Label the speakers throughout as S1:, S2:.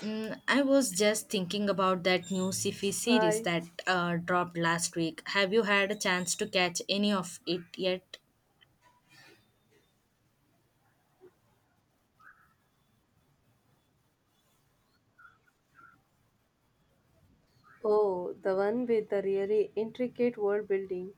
S1: I was just thinking about that new sci-fi series
S2: Hi.
S1: that dropped last week. Have you had a chance to catch any of it yet?
S2: Oh, the one with the really intricate world building.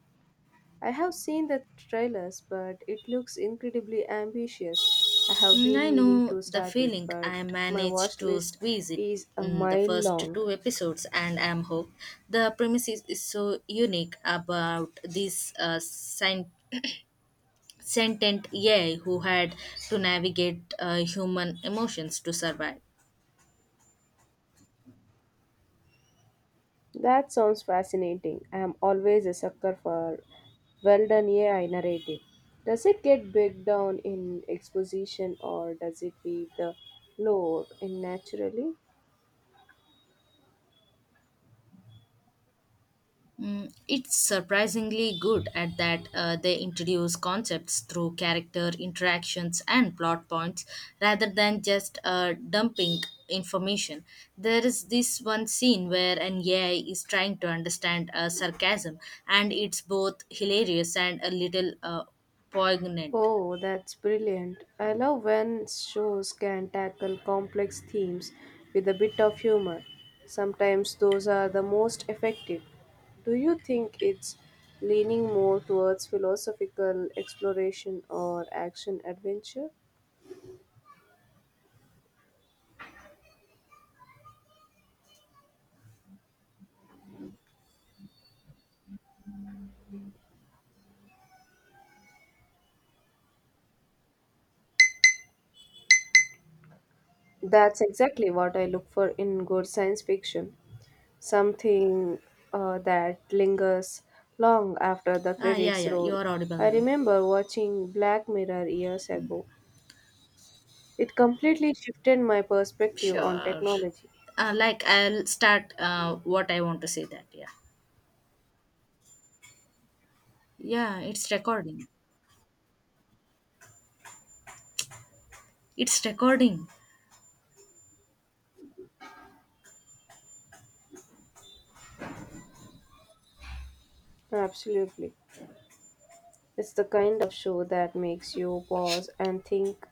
S2: I have seen the trailers, but it looks incredibly ambitious. I have been
S1: I
S2: meaning
S1: know
S2: to
S1: the
S2: start it,
S1: feeling.
S2: but
S1: I
S2: my
S1: managed
S2: watch
S1: to
S2: list
S1: squeeze it
S2: is a
S1: in the
S2: mile
S1: first
S2: long.
S1: two episodes, and I'm hooked. The premise is so unique about this sentient AI who had to navigate human emotions to survive.
S2: That sounds fascinating. I am always a sucker for well done AI narrative. Does it get bogged down in exposition or does it leave the lore in naturally?
S1: It's surprisingly good at that. They introduce concepts through character interactions and plot points rather than just dumping information. There is this one scene where an AI is trying to understand sarcasm, and it's both hilarious and a little poignant.
S2: Oh, that's brilliant. I love when shows can tackle complex themes with a bit of humor. Sometimes those are the most effective. Do you think it's leaning more towards philosophical exploration or action adventure? That's exactly what I look for in good science fiction. Something that lingers long after the
S1: Ah, yeah,
S2: credits
S1: yeah, you
S2: roll.
S1: are audible
S2: I
S1: now.
S2: remember watching Black Mirror years ago. It completely shifted my perspective on
S1: Sure.
S2: technology.
S1: Like, I'll start what I want to say that, yeah. Yeah, it's recording. It's recording.
S2: Absolutely. It's the kind of show that makes you pause and think,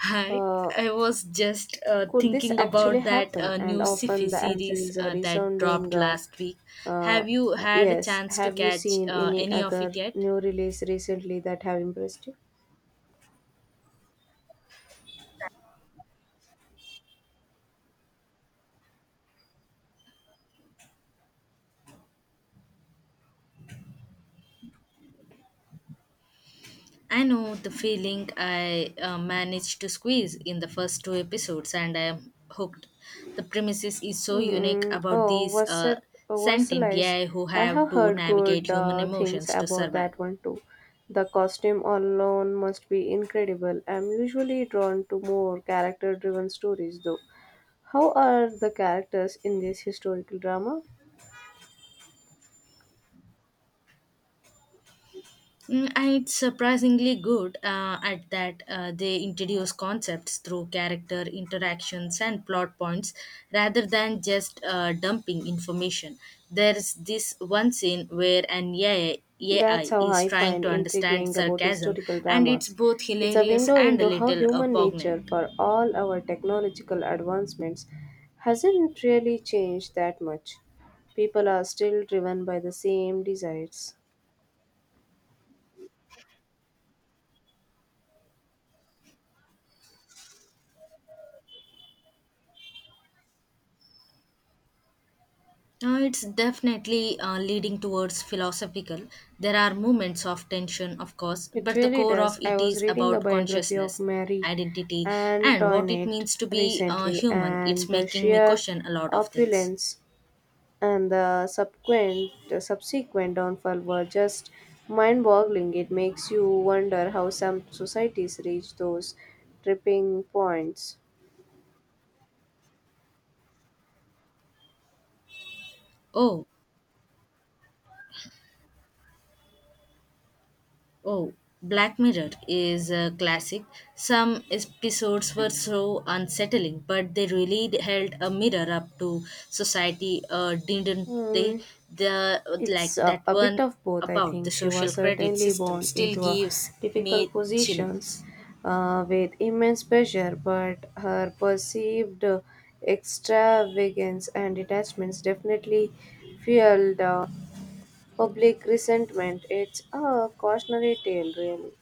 S1: Hi,
S2: uh,
S1: I was just
S2: could this
S1: thinking
S2: actually
S1: about that
S2: happen? And
S1: new sci-fi
S2: often the answer
S1: series
S2: is a
S1: that dropped
S2: resounding
S1: last week.
S2: uh,
S1: Have you had a
S2: yes.
S1: chance to
S2: Have you
S1: catch
S2: seen any
S1: any of it
S2: other
S1: yet?
S2: new release recently that have impressed you?
S1: I know the feeling. I managed to squeeze in the first two episodes, and I am hooked. The premises is so unique
S2: Mm,
S1: about
S2: oh,
S1: these sentient
S2: Versailles.
S1: AI who
S2: I
S1: have
S2: have
S1: to
S2: heard
S1: navigate
S2: good
S1: human
S2: things
S1: emotions to
S2: about
S1: survive.
S2: that one too. The costume alone must be incredible. I'm usually drawn to more character driven stories though. How are the characters in this historical drama?
S1: And it's surprisingly good at that. They introduce concepts through character interactions and plot points rather than just dumping information. There's this one scene where an
S2: That's
S1: AI,
S2: how
S1: is
S2: I
S1: trying
S2: find
S1: to understand
S2: intriguing about
S1: sarcasm,
S2: historical
S1: and it's
S2: dramas.
S1: both
S2: It's a
S1: hilarious
S2: window
S1: and a
S2: into how
S1: little
S2: human nature,
S1: poignant.
S2: for all our technological advancements, hasn't really changed that much. People are still driven by the same desires.
S1: It's definitely leading towards philosophical. There are moments of tension, of course,
S2: It
S1: but the
S2: really
S1: core of
S2: does. I
S1: it
S2: was
S1: is
S2: reading a
S1: about
S2: biography of
S1: consciousness,
S2: Marie
S1: identity, and what it
S2: Antoinette
S1: means to be
S2: recently,
S1: human. It's
S2: and the
S1: making me
S2: sheer
S1: question a lot of things.
S2: opulence and the subsequent downfall were just mind-boggling. It makes you wonder how some societies reach those tripping points.
S1: Oh, oh, Black Mirror is a classic. Some episodes were so unsettling, but they really held a mirror up to society, didn't they?
S2: Mm,
S1: The like
S2: it's a,
S1: that
S2: a bit
S1: one
S2: of both, I
S1: about the
S2: think. She
S1: social
S2: was
S1: credit
S2: certainly
S1: system
S2: born
S1: still
S2: into a
S1: gives me
S2: difficult positions
S1: chills.
S2: with immense pressure, but her perceived extravagance and detachments definitely fueled. Public resentment. It's a cautionary tale, really.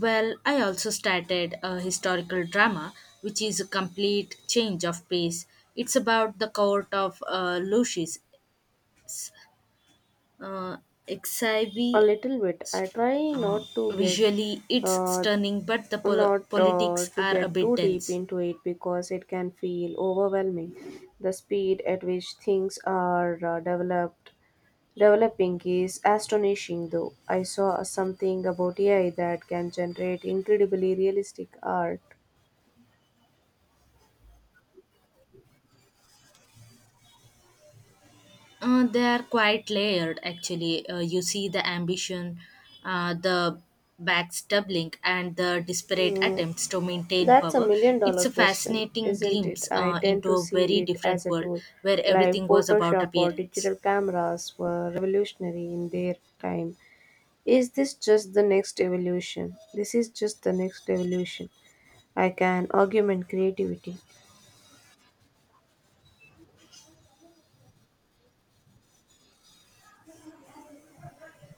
S1: Well, I also started a historical drama, which is a complete change of pace. It's about the court of Lucius uh,
S2: A
S1: Exhibe,
S2: little bit. I try
S1: uh,
S2: not to
S1: visually it's
S2: uh,
S1: stunning, but the
S2: not
S1: politics
S2: to
S1: are a
S2: get
S1: bit
S2: too deep
S1: dense.
S2: into it because it can feel overwhelming. The speed at which things are developing is astonishing. Though I saw something about AI that can generate incredibly realistic art.
S1: They are quite layered, actually. You see the ambition, the backstabbing, and the desperate
S2: Mm,
S1: attempts to maintain
S2: that's a
S1: power.
S2: million
S1: It's
S2: dollar
S1: a
S2: question,
S1: fascinating
S2: isn't it?
S1: glimpse
S2: I tend
S1: into
S2: to
S1: a
S2: see
S1: very
S2: it as
S1: different
S2: a
S1: world
S2: tool,
S1: where
S2: like
S1: everything was about
S2: Photoshop or
S1: appearance.
S2: digital cameras were revolutionary in their time. Is this just the next evolution? This is just the next evolution. I can augment creativity.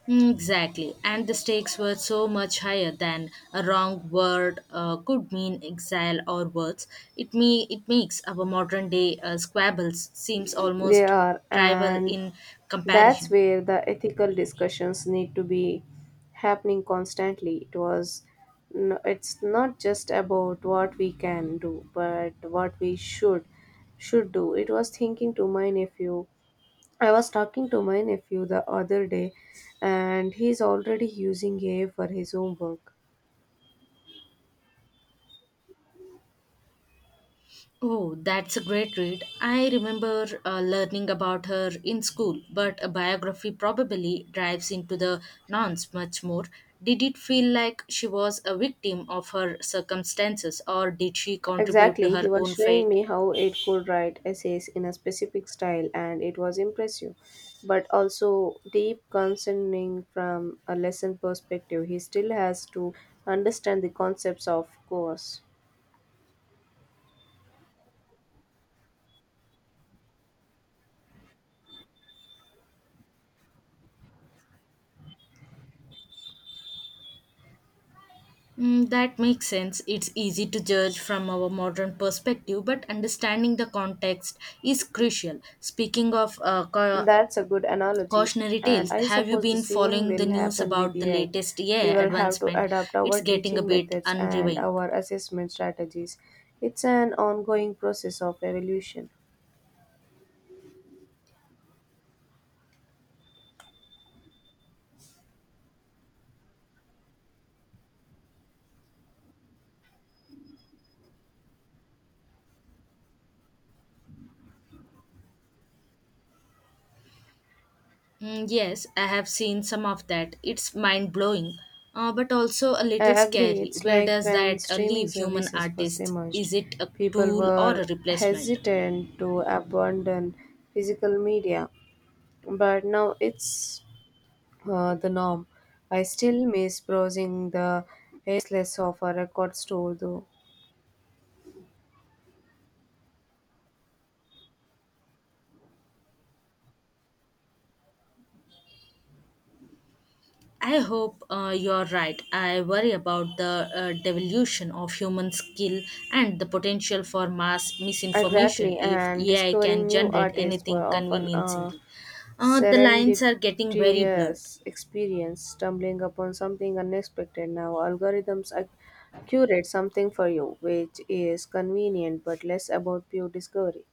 S1: Exactly, and the stakes were so much higher than a wrong word could mean exile or worse. It makes our modern day squabbles seems
S2: They
S1: almost
S2: are,
S1: trivial
S2: and
S1: in
S2: that's
S1: comparison.
S2: where the ethical discussions need to be happening constantly. It was it's not just about what we can do, but what we should do. It was thinking to my nephew. I was talking to my nephew the other day and he's already using AI for his homework.
S1: Oh, that's a great read. I remember learning about her in school, but a biography probably drives into the nonce much more. Did it feel like she was a victim of her circumstances, or did she contribute to
S2: Exactly,
S1: her
S2: he was
S1: own
S2: showing
S1: fate?
S2: me how it could write essays in a specific style, and it was impressive, but also deep concerning from a lesson perspective. He still has to understand the concepts, of course.
S1: That makes sense. It's easy to judge from our modern perspective, but understanding the context is crucial. Speaking of
S2: That's a good analogy,
S1: cautionary
S2: and
S1: tales,
S2: I
S1: have you
S2: suppose the
S1: been
S2: same
S1: following the
S2: will
S1: news
S2: happen with
S1: about the
S2: AI.
S1: latest
S2: We
S1: yeah
S2: will have to
S1: advancement?
S2: adapt
S1: It's
S2: our
S1: getting a
S2: teaching
S1: bit
S2: methods and
S1: unnerving.
S2: our assessment strategies. It's an ongoing process of evolution.
S1: Yes, I have seen some of that. It's mind blowing, but also a
S2: I
S1: little
S2: agree.
S1: scary.
S2: It's
S1: Where
S2: like
S1: does
S2: when
S1: that
S2: streaming
S1: leave human
S2: services first
S1: artists?
S2: emerged,
S1: Is it a
S2: people
S1: tool or
S2: were
S1: a replacement?
S2: hesitant to abandon physical media, but now it's the norm. I still miss browsing the endless of a record store, though.
S1: I hope you're right. I worry about the devolution of human skill and the potential for mass misinformation
S2: Exactly,
S1: if
S2: and
S1: AI can
S2: discovering new
S1: generate
S2: artists were
S1: anything
S2: often a
S1: convincingly. The lines are getting very blurred.
S2: serendipitous experience, stumbling upon something unexpected. Now, algorithms curate something for you, which is convenient but less about pure discovery.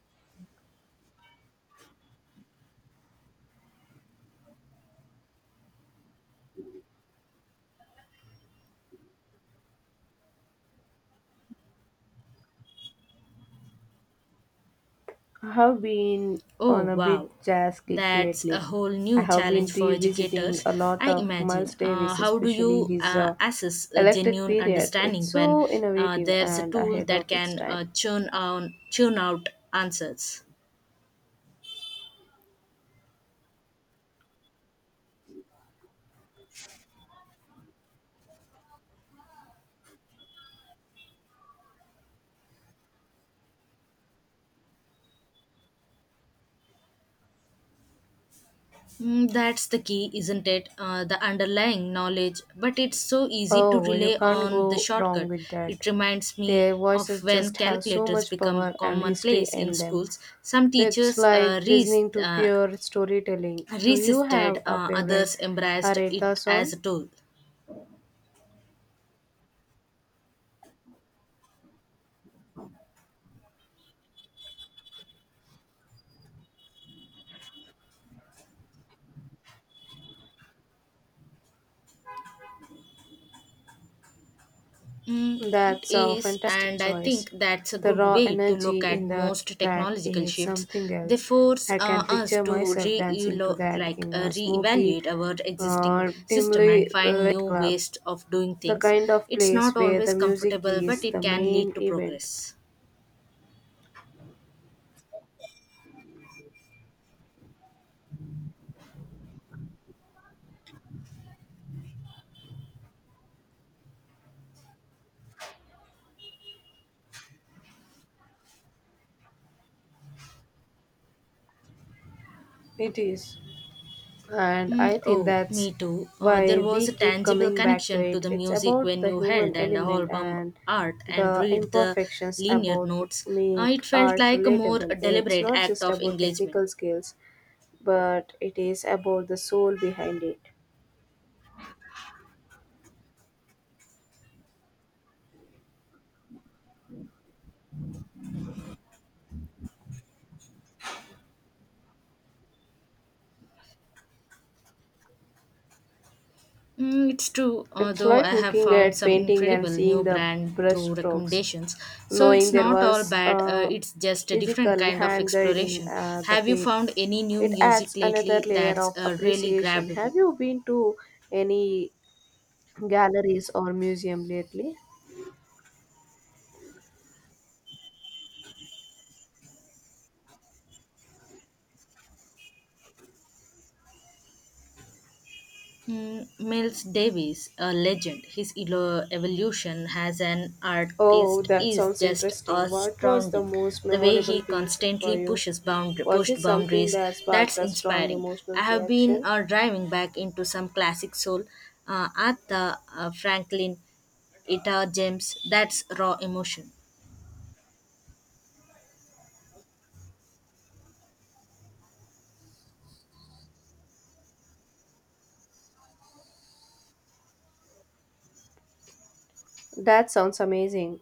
S2: I have been
S1: Oh,
S2: on a bit
S1: wow.
S2: jazz kick
S1: That's a
S2: lately.
S1: whole
S2: I
S1: new
S2: have been
S1: challenge for
S2: revisiting
S1: educators,
S2: a lot
S1: I
S2: of
S1: imagine.
S2: Miles Davis,
S1: How do
S2: especially
S1: you
S2: his
S1: assess a
S2: electric
S1: genuine
S2: period. It's
S1: understanding when
S2: so innovative
S1: there's a
S2: and
S1: tool
S2: ahead
S1: that
S2: of its
S1: can
S2: time.
S1: churn out answers? That's the key, isn't it? The underlying knowledge. But it's so easy to
S2: Oh, you
S1: rely
S2: can't
S1: on the
S2: go wrong
S1: shortcut.
S2: with that.
S1: It reminds me
S2: Their
S1: of
S2: voices
S1: when
S2: just have so
S1: calculators
S2: much
S1: become
S2: power and history
S1: commonplace in
S2: in them.
S1: schools. Some
S2: It's
S1: teachers
S2: like listening to pure storytelling. Do you
S1: resisted,
S2: have a favorite
S1: others embraced
S2: Aretha
S1: it
S2: song?
S1: as a tool. It
S2: That's a
S1: is,
S2: fantastic
S1: and I
S2: choice.
S1: think that's a
S2: The
S1: good
S2: raw
S1: way to
S2: energy
S1: look
S2: in
S1: at
S2: the
S1: most
S2: track
S1: technological
S2: is
S1: shifts.
S2: something
S1: They
S2: else.
S1: force
S2: I can
S1: us
S2: picture
S1: to re
S2: myself dancing to that
S1: like
S2: in a smoky,
S1: reevaluate our existing
S2: uh,
S1: system and
S2: dimly
S1: find new
S2: lit club.
S1: ways of doing
S2: The
S1: things.
S2: kind of
S1: It's not
S2: place where the
S1: always
S2: music
S1: comfortable, but
S2: is
S1: it
S2: the
S1: can lead
S2: main
S1: to
S2: event.
S1: progress.
S2: It is. And I think
S1: Oh,
S2: that's
S1: me too.
S2: why
S1: There was
S2: we
S1: a
S2: keep
S1: tangible
S2: coming back to
S1: connection to
S2: it.
S1: the
S2: It's
S1: music
S2: about
S1: when
S2: the
S1: you held
S2: human
S1: and
S2: element
S1: album
S2: and
S1: art and
S2: the
S1: read the
S2: imperfections
S1: linear
S2: about
S1: notes.
S2: make
S1: It felt
S2: art
S1: like a more
S2: relatable. It's
S1: deliberate
S2: not
S1: act
S2: just
S1: of
S2: about
S1: engagement.
S2: technical skills, but it is about the soul behind it.
S1: It's true,
S2: It's
S1: although
S2: like
S1: I have
S2: looking
S1: found
S2: at
S1: some
S2: painting
S1: incredible
S2: and
S1: new
S2: seeing the
S1: brand through
S2: brushstrokes,
S1: recommendations. So
S2: knowing
S1: it's
S2: there
S1: not
S2: was
S1: all bad, it's just a different
S2: physical
S1: kind of
S2: hand guiding
S1: exploration.
S2: the
S1: Have you
S2: paint.
S1: found any new
S2: It
S1: music
S2: adds another
S1: lately
S2: layer
S1: that's
S2: of
S1: really
S2: appreciation.
S1: grabbed you?
S2: Have you been to any galleries or museum lately?
S1: Hmm, Miles Davis, a legend. His evolution as an
S2: Oh,
S1: artist
S2: that
S1: is
S2: sounds
S1: just
S2: interesting. What was the
S1: astounding.
S2: most
S1: The way
S2: memorable
S1: he
S2: piece for
S1: constantly
S2: you? Was it
S1: pushed
S2: something
S1: boundaries,
S2: that
S1: that's
S2: sparked a strong
S1: inspiring. I
S2: emotional
S1: have been
S2: reaction?
S1: driving back into some classic soul, Aretha Franklin, Etta James. That's raw emotion.
S2: That sounds amazing.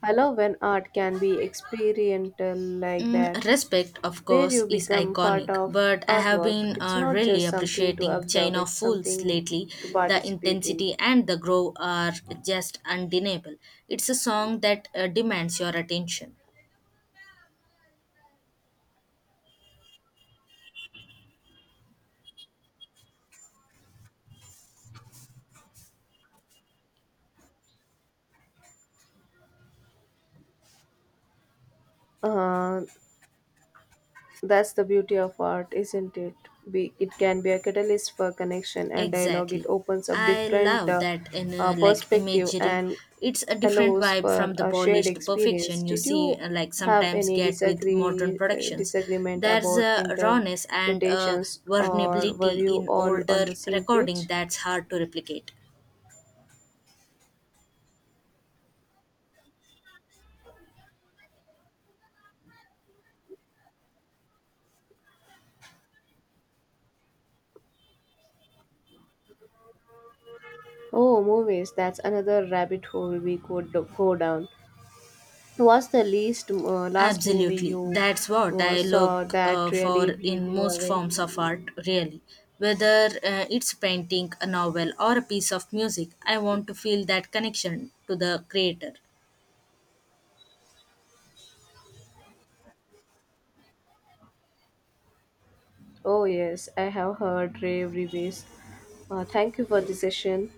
S2: I love when art can be experiential like that,
S1: Respect, of
S2: where
S1: course,
S2: you
S1: is
S2: become part
S1: iconic,
S2: of
S1: but I have
S2: artwork.
S1: been
S2: It's not
S1: really
S2: just something to
S1: appreciating
S2: observe,
S1: China
S2: it's
S1: Fools
S2: something
S1: lately.
S2: to
S1: The
S2: participate in.
S1: intensity and the grow are just undeniable. It's a song that demands your attention.
S2: Uh, that's the beauty of art, isn't it? It can be a catalyst for connection and dialogue. It
S1: Exactly.
S2: opens up
S1: I
S2: different
S1: love that in
S2: perspective
S1: imagery.
S2: and
S1: It's a different
S2: allows
S1: vibe
S2: for
S1: from the
S2: a shared
S1: polished
S2: experience.
S1: perfection you
S2: Did
S1: see
S2: you have
S1: sometimes
S2: any
S1: get with modern productions.
S2: disagreement
S1: There's
S2: about
S1: a rawness and a
S2: interpretations, or were
S1: vulnerability
S2: you
S1: in
S2: all
S1: older
S2: on the same
S1: recording
S2: page?
S1: that's hard to replicate.
S2: Oh, movies. That's another rabbit hole we could go down. What's the least last movie
S1: Absolutely.
S2: you
S1: That's what I look
S2: saw that
S1: for
S2: really blew
S1: in
S2: you
S1: most
S2: away?
S1: forms of art, really. Whether it's painting, a novel, or a piece of music, I want to feel that connection to the creator.
S2: Oh, yes, I have heard rave reviews. Thank you for the session.